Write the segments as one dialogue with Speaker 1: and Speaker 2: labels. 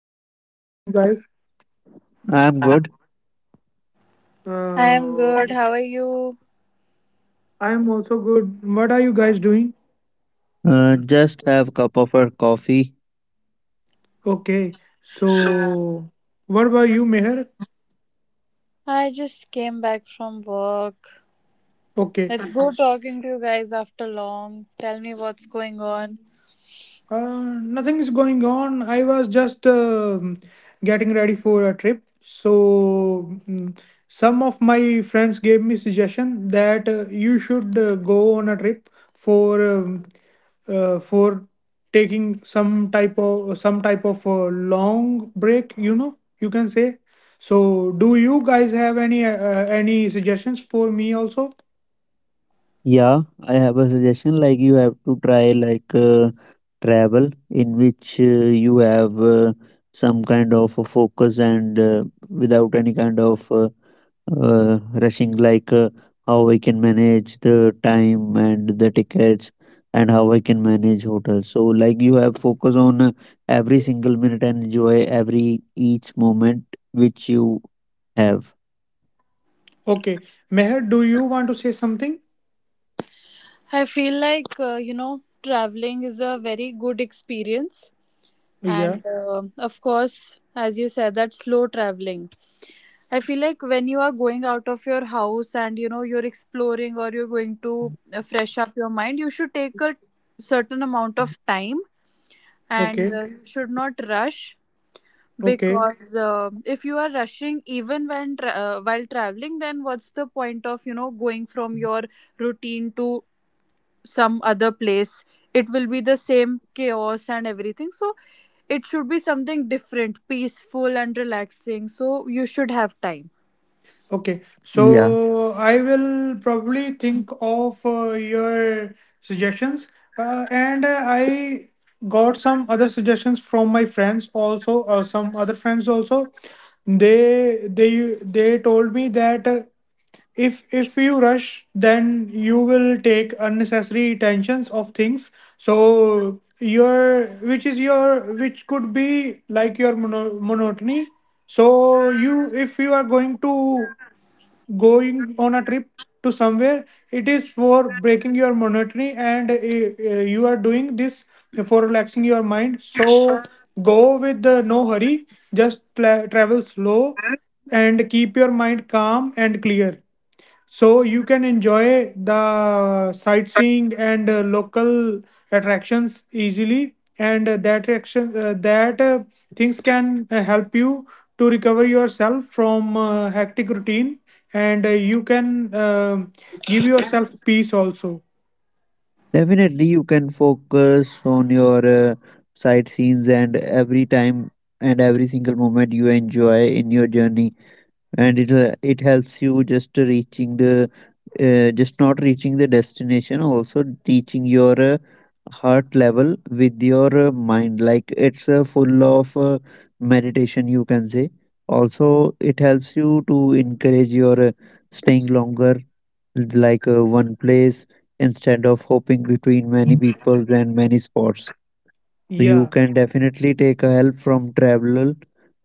Speaker 1: hi Meher, how are you guys?
Speaker 2: I'm good.
Speaker 3: I'm
Speaker 1: Uh,
Speaker 3: good. How are you?
Speaker 1: I am also good. What are you guys doing?
Speaker 2: Just have cup of a coffee.
Speaker 1: Okay, so what about you, Meher?
Speaker 3: I just came back from work.
Speaker 1: Okay.
Speaker 3: Let's go talking to you guys after long. Tell me what's going on.
Speaker 1: Nothing is going on. I was just getting ready for a trip. So mm, some of my friends gave me suggestion that you should go on a trip for um, for taking some type of long break. You know, you can say. So do you guys have any suggestions for me also?
Speaker 2: Yeah, I have a suggestion. Like you have to try like travel in which you have some kind of a focus and without any kind of rushing. Like how I can manage the time and the tickets and how I can manage hotels. So like you have focus on every single minute and enjoy every each moment which you have.
Speaker 1: Okay, Meher, do you want to say something?
Speaker 3: I feel like, traveling is a very good experience.
Speaker 1: Yeah.
Speaker 3: And of course, as you said, that slow traveling. I feel like when you are going out of your house and, you're exploring or you're going to fresh up your mind, you should take a certain amount of time, and
Speaker 1: Okay.
Speaker 3: you should not rush,
Speaker 1: Okay.
Speaker 3: because if you are rushing even while traveling, then what's the point of going from your routine to some other place? It will be the same chaos and everything, so it should be something different, peaceful and relaxing, so you should have time.
Speaker 1: Okay,
Speaker 2: Yeah.
Speaker 1: so I will probably think of your suggestions, and I got some other suggestions from my friends also, some other friends also. They told me that if you rush, then you will take unnecessary tensions of things. So your which is your which could be like your monotony. So you if you are going on a trip to somewhere, it is for breaking your monotony, and you are doing this for relaxing your mind, so go with the no hurry, just travel slow and keep your mind calm and clear so you can enjoy the sightseeing and local attractions easily, and that action that things can help you to recover yourself from hectic routine, and you can give yourself peace also.
Speaker 2: Definitely, you can focus on your sight scenes and every time and every single moment you enjoy in your journey, and it helps you just to reaching the just not reaching the destination, also teaching your heart level with your mind. Like it's full of meditation, you can say. Also it helps you to encourage your staying longer, like one place instead of hopping between many people and many spots. So you
Speaker 1: Yeah.
Speaker 2: can definitely take a help from travel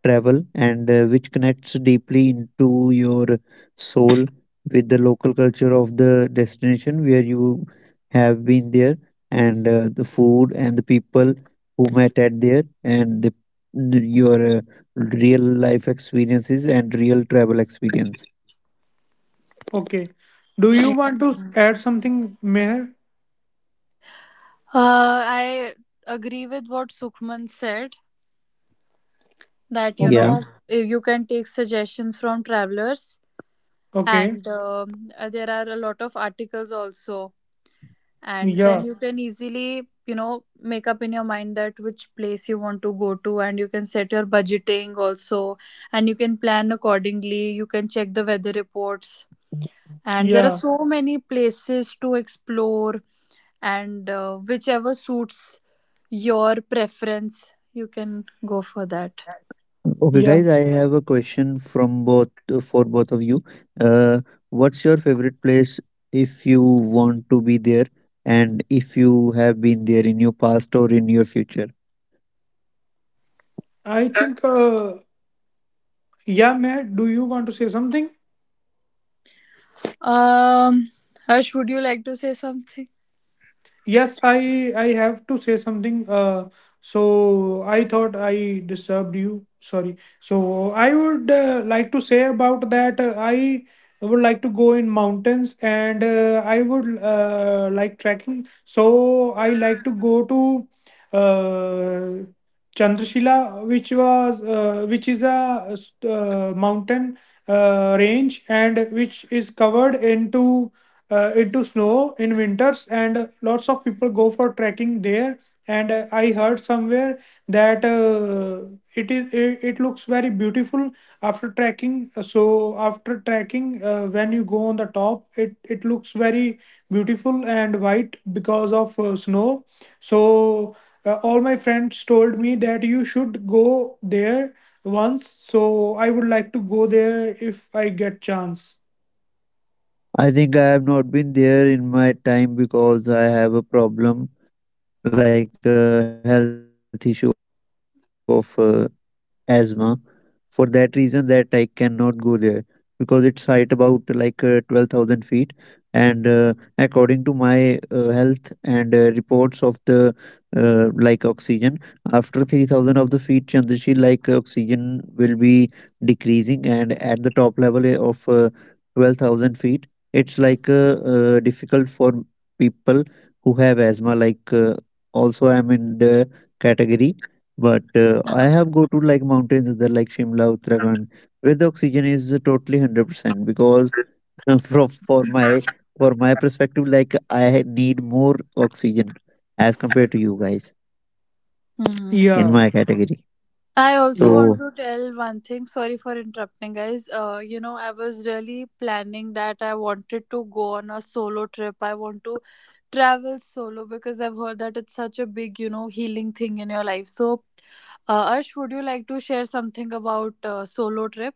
Speaker 2: travel and which connects deeply into your soul with the local culture of the destination where you have been there, and the food and the people who met at there, and your real life experiences and real travel experience.
Speaker 1: Okay. Do you want to add something, Meher?
Speaker 3: I agree with what Sukhman said, that
Speaker 2: Yeah.
Speaker 1: Okay.
Speaker 3: Mhm. You can take suggestions from travelers,
Speaker 1: Okay.
Speaker 3: and there are a lot of articles also, and then
Speaker 1: Yeah.
Speaker 3: you can easily make up in your mind that which place you want to go to, and you can set your budgeting also, and you can plan accordingly, you can check the weather reports, and there are
Speaker 1: Yeah.
Speaker 3: so many places to explore, and whichever suits your preference, you can go for that.
Speaker 2: Okay, guys,
Speaker 1: Yeah.
Speaker 2: I have a question from both for both of you. Uh, what's your favorite place if you want to be there, and if you have been there in your past or in your future?
Speaker 1: I think. Yeah, Meher, do you want to say something?
Speaker 3: um Harsh, would you like to say something?
Speaker 1: Yes, I have to say something. So I thought I disturbed you. Sorry. So I would like to say about that. I would like to go in mountains, and I would like trekking. So I like to go to uh, Chandrashila, which was which is a mountain range, and which is covered into snow in winters, and lots of people go for trekking there. And I heard somewhere that it looks very beautiful after trekking. So after trekking, when you go on the top, it looks very beautiful and white because of snow. So all my friends told me that you should go there once, so I would like to go there if I get chance.
Speaker 2: I think I have not been there in my time because I have a problem like a health issue of asthma. For that reason, that I cannot go there because it's height about like 12,000 feet. And according to my health and reports of the like oxygen, after 3,000 of the feet, Chandrashi, like oxygen will be decreasing. And at the top level of 12,000 feet, it's like difficult for people who have asthma. Like also, I'm in the category, but I have go to like mountains that are like Shimla, Uttarakhand, where the oxygen is totally 100%. Because from for my perspective, like I need more oxygen as compared to you guys
Speaker 3: Hmm.
Speaker 2: in
Speaker 1: Yeah.
Speaker 2: my category.
Speaker 3: I also
Speaker 1: Yeah.
Speaker 3: want
Speaker 2: So
Speaker 3: to tell one thing. Sorry for interrupting, guys. I was really planning that I wanted to go on a solo trip. I want to travel solo because I've heard that it's such a big, healing thing in your life. So, Arsh, would you like to share something about solo trip?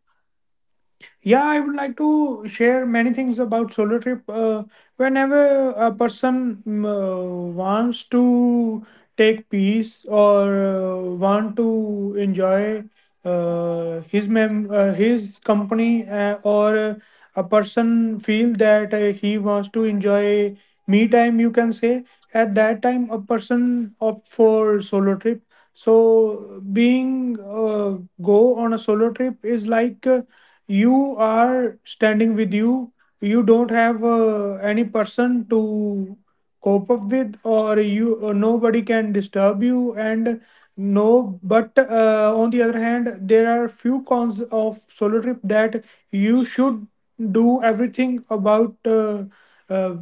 Speaker 1: Yeah, I would like to share many things about solo trip. Whenever a person wants to take peace, or want to enjoy his company, or a person feel that he wants to enjoy me time, you can say, at that time a person opt for solo trip. So being go on a solo trip is like. You are standing with you you don't have any person to cope up with, or you, or nobody can disturb you, and no, but on the other hand there are few cons of solo trip, that you should do everything about uh,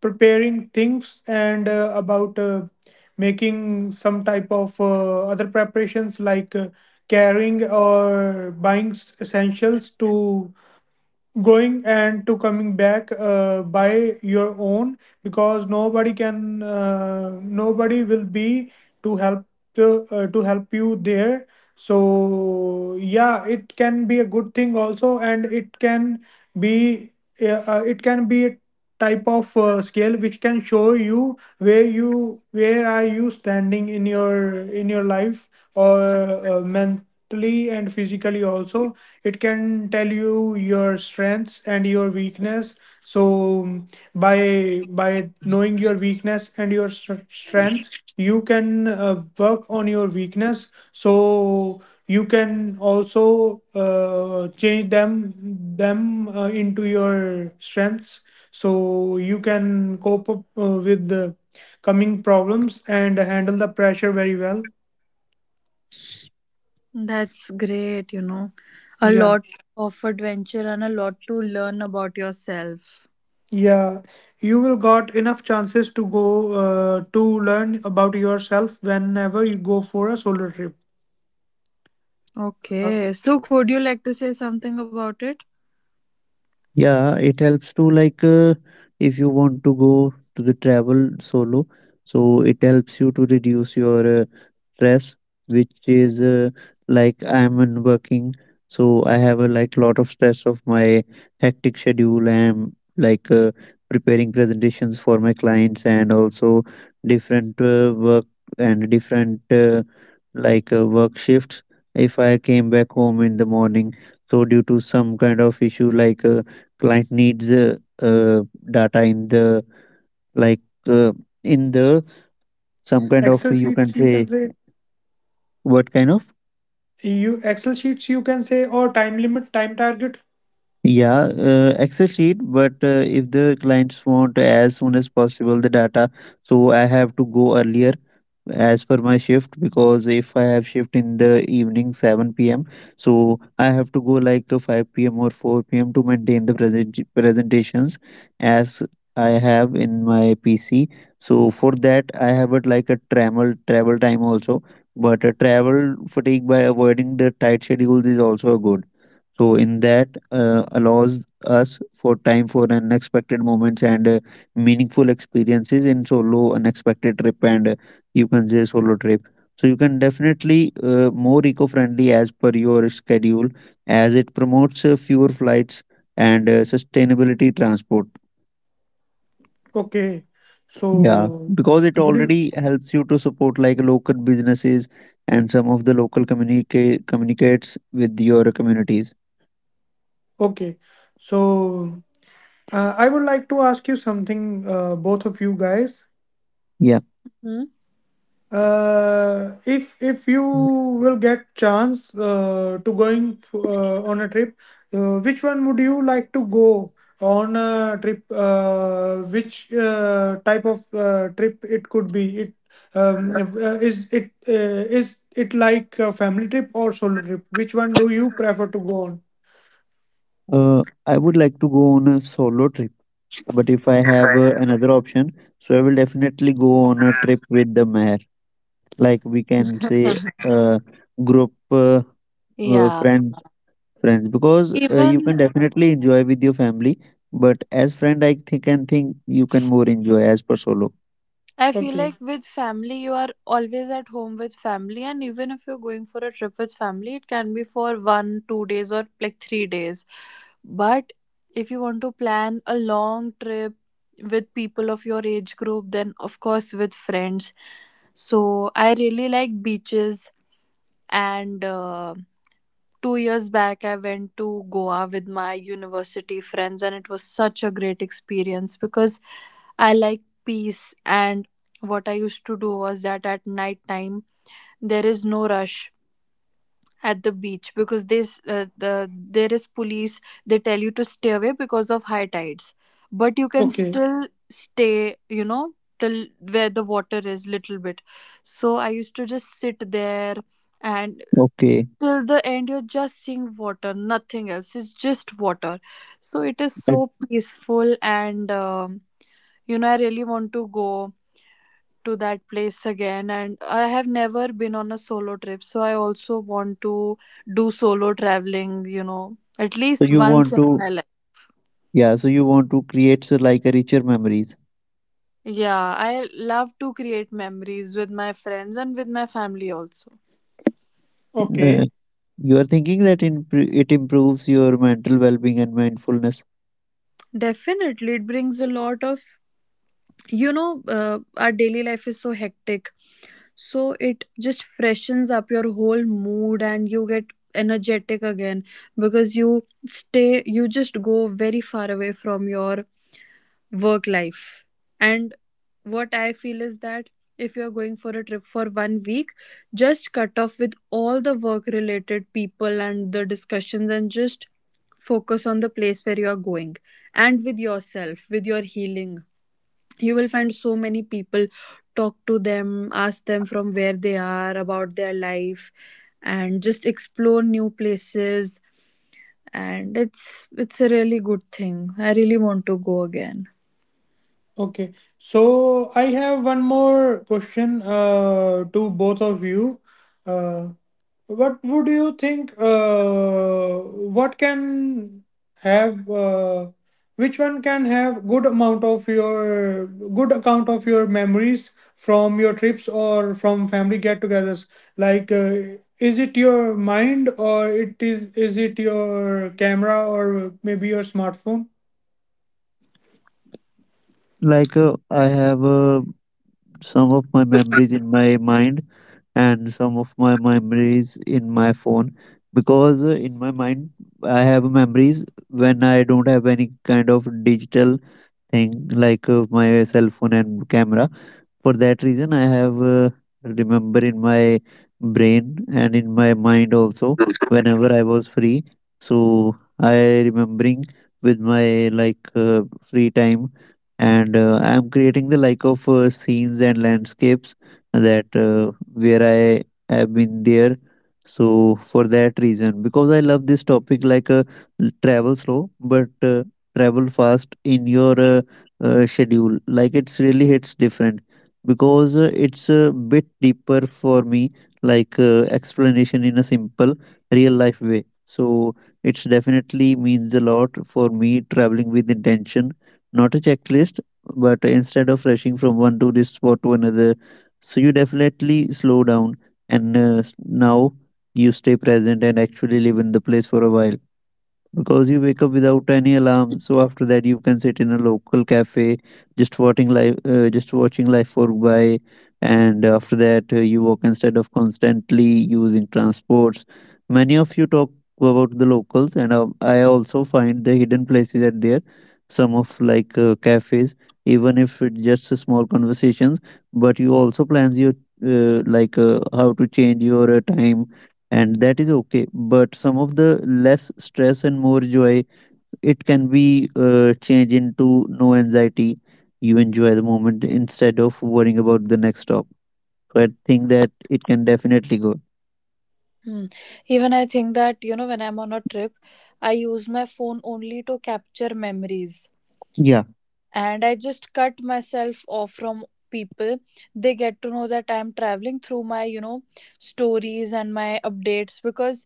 Speaker 1: preparing things, and about making some type of other preparations, like carrying or buying essentials to going and to coming back by your own, because nobody will be to help, to help you there. So yeah, it can be a good thing also, and it can be a type of scale which can show you where are you standing in your life, or mentally and physically also. It can tell you your strengths and your weakness. So um, by knowing your weakness and your strengths, you can work on your weakness, so you can also change them into your strengths, so you can cope up with the coming problems and handle the pressure very well.
Speaker 3: That's great. A
Speaker 1: Yeah.
Speaker 3: lot of adventure and a lot to learn about yourself.
Speaker 1: Yeah, you will got enough chances to go to learn about yourself whenever you go for a solo trip. Uh,
Speaker 3: Okay, so would you like to say something about it?
Speaker 2: yeah, it helps to like if you want to go to the travel solo, so it helps you to reduce your stress which is like I'm in working. So I have a like lot of stress of my hectic schedule. I'm like preparing presentations for my clients and also different work and different like work shifts. If I came back home in the morning, so due to some kind of issue like client needs uh, data in the like uh, in the some kind of
Speaker 1: Excel
Speaker 2: you can
Speaker 1: sheets, you can
Speaker 2: say.
Speaker 1: say.
Speaker 2: What kind of
Speaker 1: You Excel sheets, you can say, or time limit, time target.
Speaker 2: Yeah, Excel sheet, but if the clients want as soon as possible the data, so I have to go earlier as per my shift. Because if I have shift in the evening 7 p.m., so I have to go like 5 p.m. or 4 p.m. to maintain the presentations as I have in my PC. So for that, I have it like a travel time also, but a travel fatigue by avoiding the tight schedule is also good. So in that allows us for time for unexpected moments and meaningful experiences in solo unexpected trip, and you can say solo trip. So you can definitely more eco-friendly as per your schedule, as it promotes fewer flights and sustainability transport.
Speaker 1: Okay,
Speaker 2: Yeah,
Speaker 1: so
Speaker 2: because it
Speaker 1: would you?
Speaker 2: already helps you to support like local businesses and some of the local communicates with your communities.
Speaker 1: Okay, so I would like to ask you something, both of you guys.
Speaker 2: Yeah.
Speaker 3: Hmm?
Speaker 1: If you will get chance to on a trip, which one would you like to go on a trip, which type of trip it could be? It if, is it like a family trip or solo trip? Which one do you prefer to go on?
Speaker 2: I would like to go on a solo trip, but if I
Speaker 3: If
Speaker 2: have
Speaker 3: I
Speaker 2: another option, so I will definitely go on a
Speaker 3: have.
Speaker 2: trip with the mayor. Like we can say, uh, group uh,
Speaker 3: Yeah.
Speaker 2: friends, friends, because you
Speaker 3: Even
Speaker 2: can definitely enjoy with your family. But as friend, I think and think you can more enjoy as per solo.
Speaker 3: I feel
Speaker 1: Okay.
Speaker 3: like with family, you are always at home with family, and even if you're going for a trip with family, it can be for one, 2 days, or like 3 days. But if you want to plan a long trip with people of your age group, then of course with friends. So I really like beaches, and 2 years back, I went to Goa with my university friends, and it was such a great experience because I like peace. And what I used to do was that at night time, there is no rush at the beach, because this the there is police. They tell you to stay away because of high tides, but you can
Speaker 1: Okay.
Speaker 3: still stay. Till where the water is little bit. So I used to just sit there, and
Speaker 2: Okay.
Speaker 3: till the end you're just seeing water, nothing else, it's just water, so it is
Speaker 2: Uh,
Speaker 3: so peaceful, and I really want to go to that place again, and I have never been on a solo trip, so I also want to do solo traveling at
Speaker 2: so
Speaker 3: least
Speaker 2: you
Speaker 3: once
Speaker 2: want
Speaker 3: in
Speaker 2: to,
Speaker 3: my
Speaker 2: yeah, so you want to create so like a richer memories.
Speaker 3: life. Yeah, I love to create memories with my friends and with my family also.
Speaker 2: Uh,
Speaker 1: Okay.
Speaker 2: you are thinking that in it improves your mental well-being and mindfulness.
Speaker 3: Definitely, it brings a lot of. Our daily life is so hectic, so it just freshens up your whole mood and you get energetic again, because you stay, you just go very far away from your work life. And what I feel is that if you're going for a trip for 1 week, just cut off with all the work related people and the discussions, and just focus on the place where you are going, and with yourself, with your healing. You will find so many people, talk to them, ask them from where they are, about their life, and just explore new places. And it's a really good thing, I really want to go again.
Speaker 1: Okay. So I have one more question to both of you. uh, What would you think? What can have? Which one can have good account of your memories from your trips or from family get-togethers? Like, is it your mind, or it is it your camera, or maybe your smartphone?
Speaker 2: Like I have some of my memories in my mind and some of my memories in my phone, because in my mind I have memories when I don't have any kind of digital thing like my cell phone and camera. For that reason, I have remember in my brain and in my mind also whenever I was free. So I remembering with my like free time, and I am creating the like of scenes and landscapes that where I have been there. So for that reason, because I love this topic, like travel slow but travel fast in your schedule, like it's really hits different because it's a bit deeper for me, like explanation in a simple real life way. So it's definitely means a lot for me, traveling with intention, not a checklist, but instead of rushing from one tourist spot to another. So you definitely slow down, and now you stay present and actually live in the place for a while, because you wake up without any alarm, so after that you can sit in a local cafe, just watching life work by, and after that you walk instead of constantly using transports. Many of you talk about the locals, and I also find the hidden places at there, some of like cafes, even if it's just a small conversations. But you also plans your like how to change your time, and that is okay. But some of the less stress and more joy, it can be changed into no anxiety. You enjoy the moment instead of worrying about the next stop, so I think that it can definitely go.
Speaker 3: Hmm. Even I think that, when I'm on a trip, I use my phone only to capture memories,
Speaker 2: Yeah.
Speaker 3: and I just cut myself off from people. They get to know that I'm traveling through my, stories and my updates, because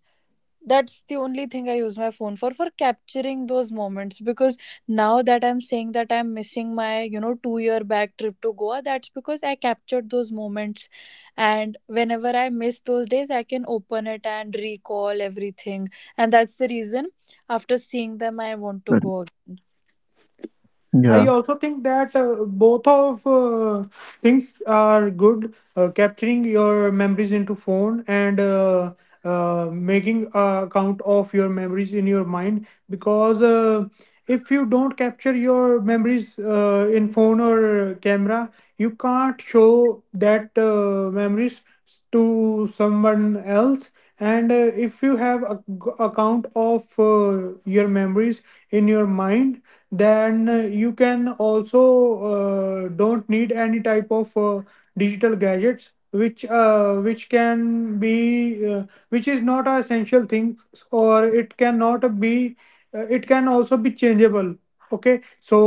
Speaker 3: that's the only thing I use my phone for capturing those moments. Because now that I'm saying that I'm missing my 2-year back trip to Goa, that's because I captured those moments. And whenever I miss those days, I can open it and recall everything, and that's the reason after seeing them I want to
Speaker 2: Correct.
Speaker 3: go again.
Speaker 1: I also think that both of things are good. Capturing your memories into phone, and making a account of your memories in your mind, because if you don't capture your memories in phone or camera, you can't show that memories to someone else. And if you have a account of your memories in your mind, then you can also don't need any type of digital gadgets, which can be which is not an essential thing, or it cannot be it can also be changeable. Okay, so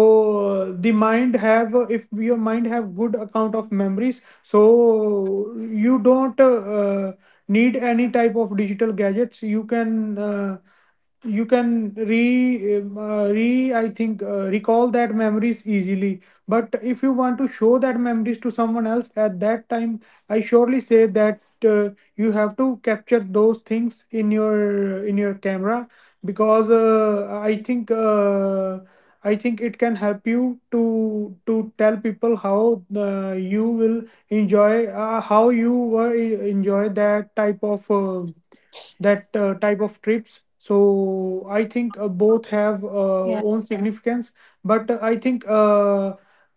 Speaker 1: the mind have if your mind have good account of memories, so you don't uh, need any type of digital gadgets, you can re re I think recall that memories easily. But if you want to show that memories to someone else, at that time I surely say that uh, you have to capture those things in your camera. Because I think it can help you to tell people how you will enjoy how you were enjoy that type of trips. So I think both have
Speaker 3: Yeah.
Speaker 1: own significance. But I think uh,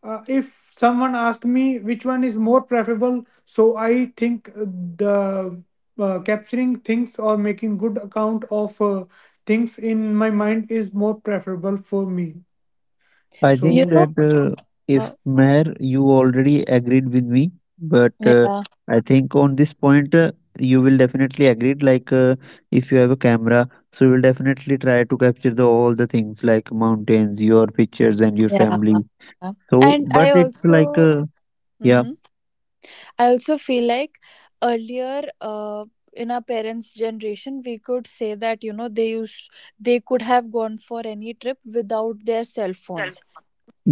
Speaker 1: uh, if someone asked me which one is more preferable, so I think the capturing things or making good account of things in my mind is more preferable for me,
Speaker 2: I
Speaker 3: You
Speaker 2: think that
Speaker 1: so.
Speaker 3: know
Speaker 2: if
Speaker 3: uh,
Speaker 2: Meher, you already agreed with me, but
Speaker 3: yeah,
Speaker 2: I think on this point you will definitely agree. Like if you have a camera, so you will definitely try to capture the all the things like mountains, your pictures, and your
Speaker 3: yeah,
Speaker 2: family.
Speaker 3: yeah. and
Speaker 2: So,
Speaker 3: I
Speaker 2: but it's
Speaker 3: also
Speaker 2: like yeah,
Speaker 3: mhm. I also feel like earlier, in our parents' generation, we could say that they could have gone for any trip without their cell
Speaker 1: Self.
Speaker 3: phones.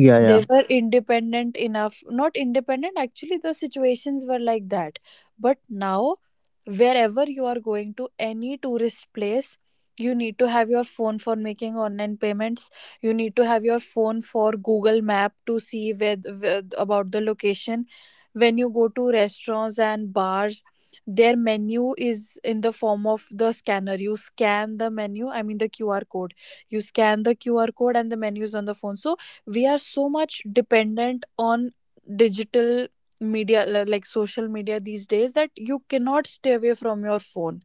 Speaker 2: yeah,
Speaker 3: They
Speaker 2: yeah,
Speaker 3: were independent enough. Not independent, actually, the situations were like that. But now, wherever you are going to any tourist place, you need to have your phone for making online payments. You need to have your phone for Google map to see where about the location. When you go to restaurants and bars, their menu is in the form of the scanner, you scan the menu, I mean, the QR code. You scan the QR code and the menu is on the phone, so we are so much dependent on digital media, like social media, these days, that you cannot stay away from your phone,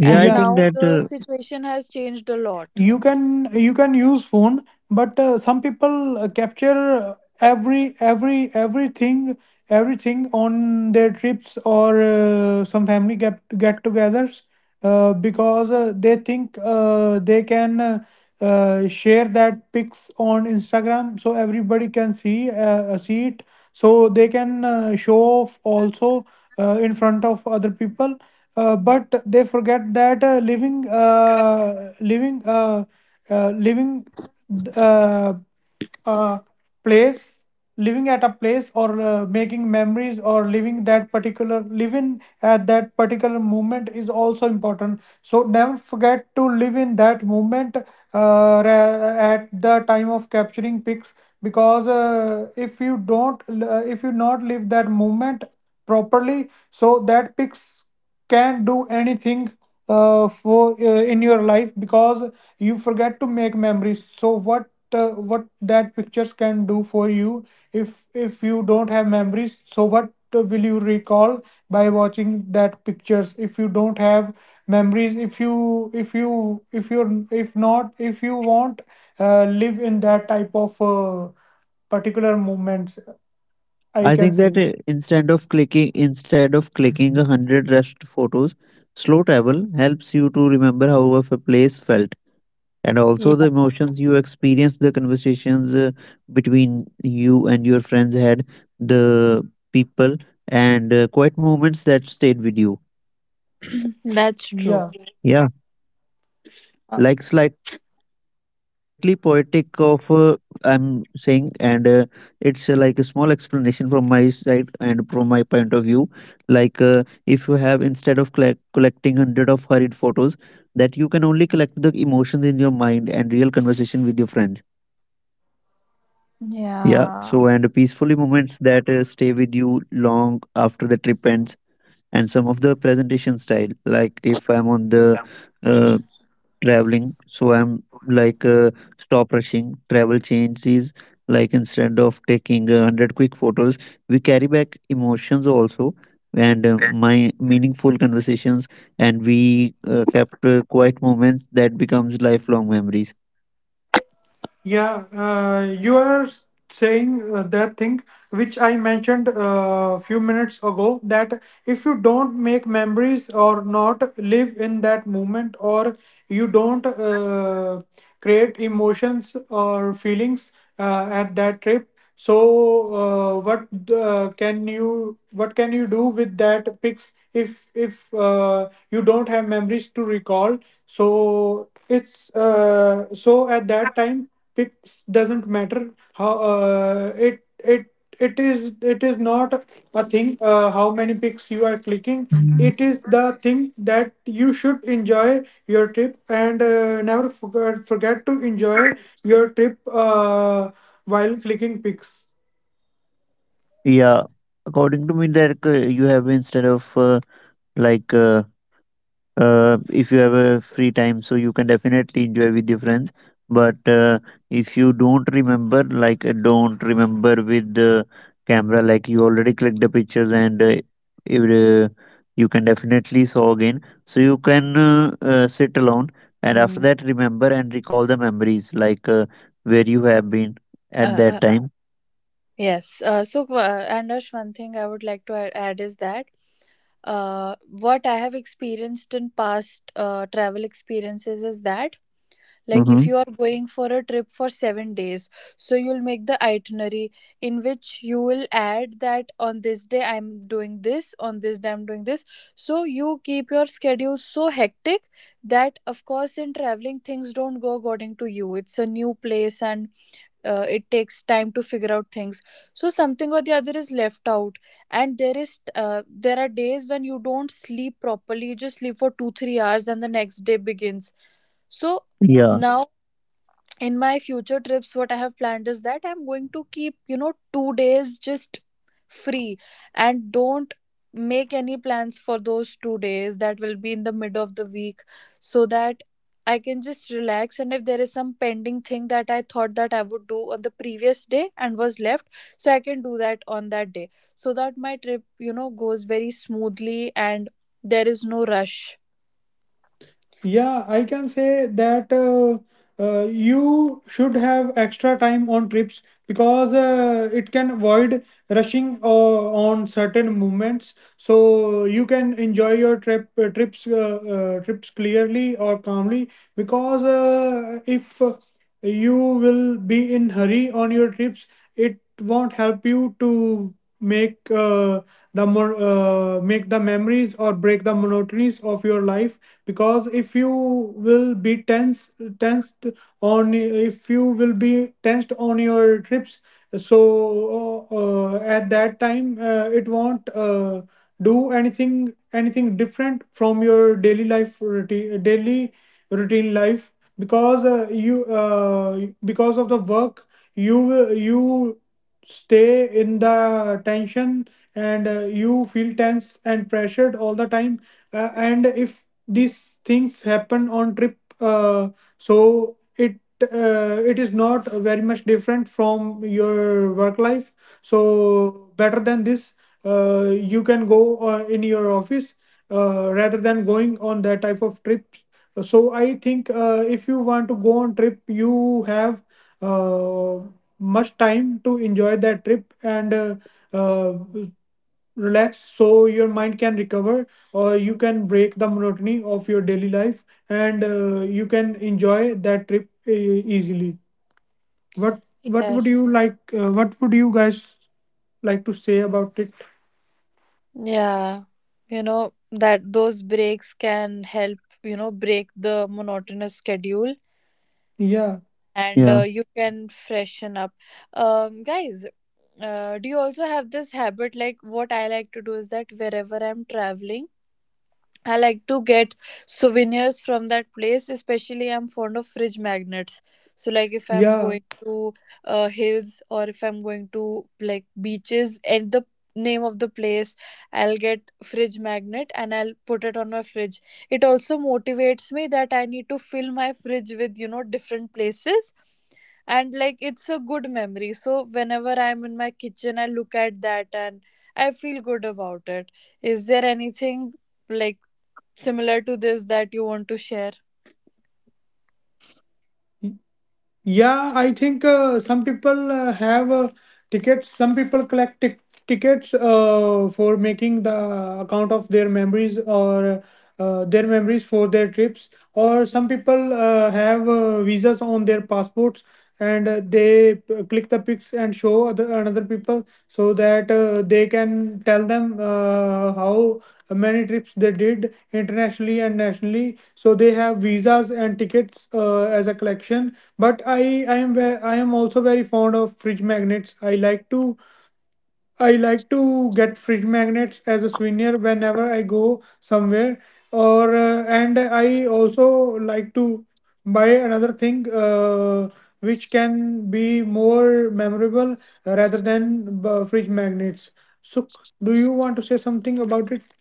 Speaker 3: and
Speaker 2: yeah.
Speaker 1: Yeah,
Speaker 3: now the situation has changed a lot.
Speaker 1: you can use phone, but some people capture every every everything everything on their trips, or some family get-togethers. Because they think they can share that pics on Instagram so everybody can see it, so they can show off also, in front of other people. But they forget that living uh, uh, place living at a place, or making memories or living that particular live in at that particular moment is also important. So never forget to live in that moment, at the time of capturing pics. Because if you not live that moment properly, so that pics can do anything for in your life, because you forget to make memories. So what that pictures can do for you if you don't have memories? So what will you recall by watching that pictures if you don't have memories, if you if you if you're if not if you won't live in that type of particular moments, I
Speaker 2: I
Speaker 1: can
Speaker 2: think
Speaker 1: say.
Speaker 2: that instead of clicking 100 rushed photos, slow travel helps you to remember how a place felt, and also the emotions you experience, the conversations between you and your friends had, the people, and quiet moments that stayed with you.
Speaker 3: That's
Speaker 2: Yeah.
Speaker 3: true.
Speaker 1: Yeah.
Speaker 2: Like slightly poetic
Speaker 1: Uh,
Speaker 2: of I'm saying, and it's like a small explanation from my side and from my point of view. Like if you have, instead of collecting hundred of hurried photos, that you can only collect the emotions in your mind and real conversation with your friends. Yeah, so and peacefully moments
Speaker 3: Yeah.
Speaker 2: that stay with you long after the trip ends, and some of the presentation style, like if I'm on the uh, traveling, so I'm like stop rushing, travel changes, like instead of taking 100 quick photos, we carry back emotions also, and my meaningful conversations, and we kept quiet moments that becomes lifelong memories.
Speaker 1: Yeah, you are saying that thing which I mentioned a few minutes ago, that if you don't make memories or not live in that moment, or you don't create emotions or feelings at that trip, so what can you what can you do with that pics if you don't have memories to recall? So it's so at that time picks doesn't matter how it is not a thing, how many pics you are clicking. It is the thing that you should enjoy your trip and never forget to enjoy your trip while clicking pics.
Speaker 2: Yeah, according to me, that you have, instead of like if you have a free time, so you can definitely enjoy with your friends. But if you don't remember, like don't remember with the camera, like you already clicked the pictures, and if, uh, you can definitely saw again. So you can sit alone, and after
Speaker 3: Mm.
Speaker 2: that remember and recall the memories, like where you have been
Speaker 3: uh,
Speaker 2: at
Speaker 3: uh,
Speaker 2: that time.
Speaker 3: yes, Anush, one thing I would like to add is that uh, what I have experienced in past travel experiences is that, like if
Speaker 2: Mm-hmm.
Speaker 3: you are going for a trip for 7 days, so you'll make the itinerary, in which you will add that on this day I'm doing this, on this day I'm doing this. So you keep your schedule so hectic, that of course in traveling things don't go according to you, it's a new place, and it takes time to figure out things, so something or the other is left out, and there are days when you don't sleep properly, you just sleep for 2 3 hours and the next day begins. So
Speaker 2: Yeah,
Speaker 3: now in my future trips what I have planned is that I'm going to keep, 2 days just free, and don't make any plans for those 2 days, that will be in the mid of the week, so that I can just relax, and if there is some pending thing that I thought that I would do on the previous day and was left, so I can do that on that day, so that my trip goes very smoothly and there is no rush.
Speaker 1: Yeah, I can say that you should have extra time on trips because it can avoid rushing on certain movements. So you can enjoy your trips clearly or calmly, because if you will be in hurry on your trips, it won't help you to make uh, make the memories or break the monotonies of your life. Because if you will be tense tensed on if you will be tensed on your trips, so at that time it won't do anything different from your daily life routine life. Because you because of the work, you stay in the tension, and you feel tense and pressured all the time. And if these things happen on trip, so it is not very much different from your work life. So better than this, you can go in your office, rather than going on that type of trips. So I think if you want to go on trip, you have uh, much time to enjoy that trip and uh, relax so your mind can recover, or you can break the monotony of your daily life, and you can enjoy that trip easily.
Speaker 3: Yes.
Speaker 1: What would you guys like to say about it?
Speaker 3: Yeah, you know that those breaks can help, break the monotonous schedule,
Speaker 1: Yeah.
Speaker 3: and
Speaker 2: yeah.
Speaker 3: you can freshen up. Guys, do you also have this habit? Like, what I like to do is that wherever I'm traveling, I like to get souvenirs from that place, especially I'm fond of fridge magnets. So like if I'm
Speaker 1: Yeah.
Speaker 3: going to hills, or if I'm going to like beaches and the name of the place, I'll get fridge magnet and I'll put it on my fridge. It also motivates me that I need to fill my fridge with, different places. And like it's a good memory. So whenever I'm in my kitchen, I look at that and I feel good about it. Is there anything like similar to this that you want to share?
Speaker 1: Yeah, I think some people have tickets. Some people collect tickets for making the account of their memories, or their memories for their trips. Or some people have visas on their passports, and they click the pics and show other another people so that they can tell them how many trips they did internationally and nationally. So they have visas and tickets as a collection, but I am also very fond of fridge magnets. I like to i like to get fridge magnets as a souvenir whenever I go somewhere, or and I also like to buy another thing, which can be more memorable rather than fridge magnets. Suk, do you want to say something about it?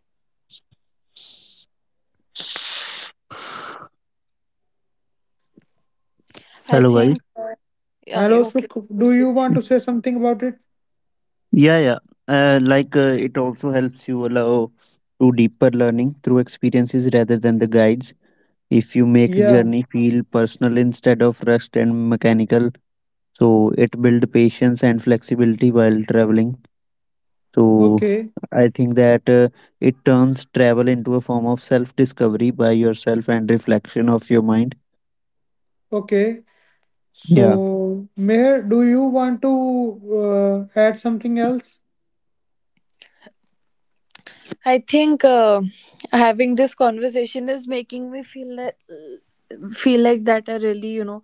Speaker 3: I
Speaker 2: Hello,
Speaker 3: think,
Speaker 2: guys.
Speaker 3: yeah,
Speaker 1: Hello,
Speaker 3: okay.
Speaker 1: Suk. Do
Speaker 3: Okay.
Speaker 1: you want to say something about it?
Speaker 2: Yeah, yeah. Like it also helps you allow to deeper learning through experiences rather than the guides. If you make
Speaker 1: Yeah.
Speaker 2: journey feel personal instead of rushed and mechanical, so it build patience and flexibility while traveling. So
Speaker 1: Okay.
Speaker 2: I think that it turns travel into a form of self discovery by yourself and reflection of your mind.
Speaker 1: Okay.
Speaker 2: Yeah,
Speaker 1: So, Meher, do you want to add something else?
Speaker 3: I think, having this conversation is making me feel like, that I really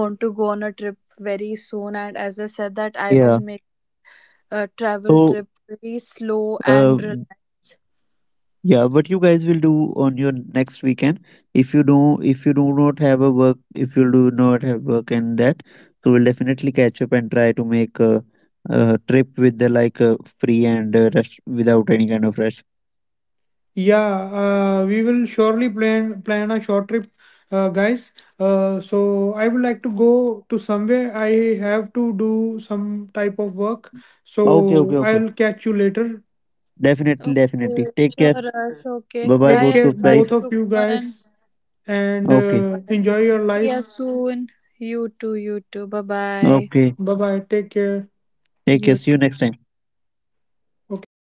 Speaker 3: want to go on a trip very soon. And as I said, that I
Speaker 2: yeah.
Speaker 3: will make a travel
Speaker 2: So.
Speaker 3: trip very slow
Speaker 2: Uh,
Speaker 3: and relaxed.
Speaker 2: Yeah, what you guys will do on your next weekend, if you don't if you do not have a work, if you do not have work and that, so we'll definitely catch up and try to make a trip with the like free and rush without any kind of rush.
Speaker 1: Yeah, we will surely plan a short trip, guys. So I would like to go to somewhere. I have to do some type of work.
Speaker 2: Okay, okay,
Speaker 1: So
Speaker 2: okay.
Speaker 1: I'll catch you later.
Speaker 2: Definitely,
Speaker 3: Okay,
Speaker 2: definitely. Take care.
Speaker 3: sure Ash. Okay,
Speaker 2: Bye bye,
Speaker 1: Take
Speaker 3: bye
Speaker 2: both
Speaker 3: Ash.
Speaker 1: care,
Speaker 2: of
Speaker 3: Bye
Speaker 2: guys.
Speaker 1: both of you
Speaker 3: Sukman.
Speaker 1: guys, and
Speaker 2: Okay,
Speaker 3: Bye bye,
Speaker 1: enjoy your
Speaker 3: see you
Speaker 1: life.
Speaker 3: soon. You too, you too, bye bye.
Speaker 2: okay.
Speaker 1: Bye bye. Take care.
Speaker 2: Take care.
Speaker 3: You
Speaker 2: See you
Speaker 3: too.
Speaker 2: next time.
Speaker 1: Okay.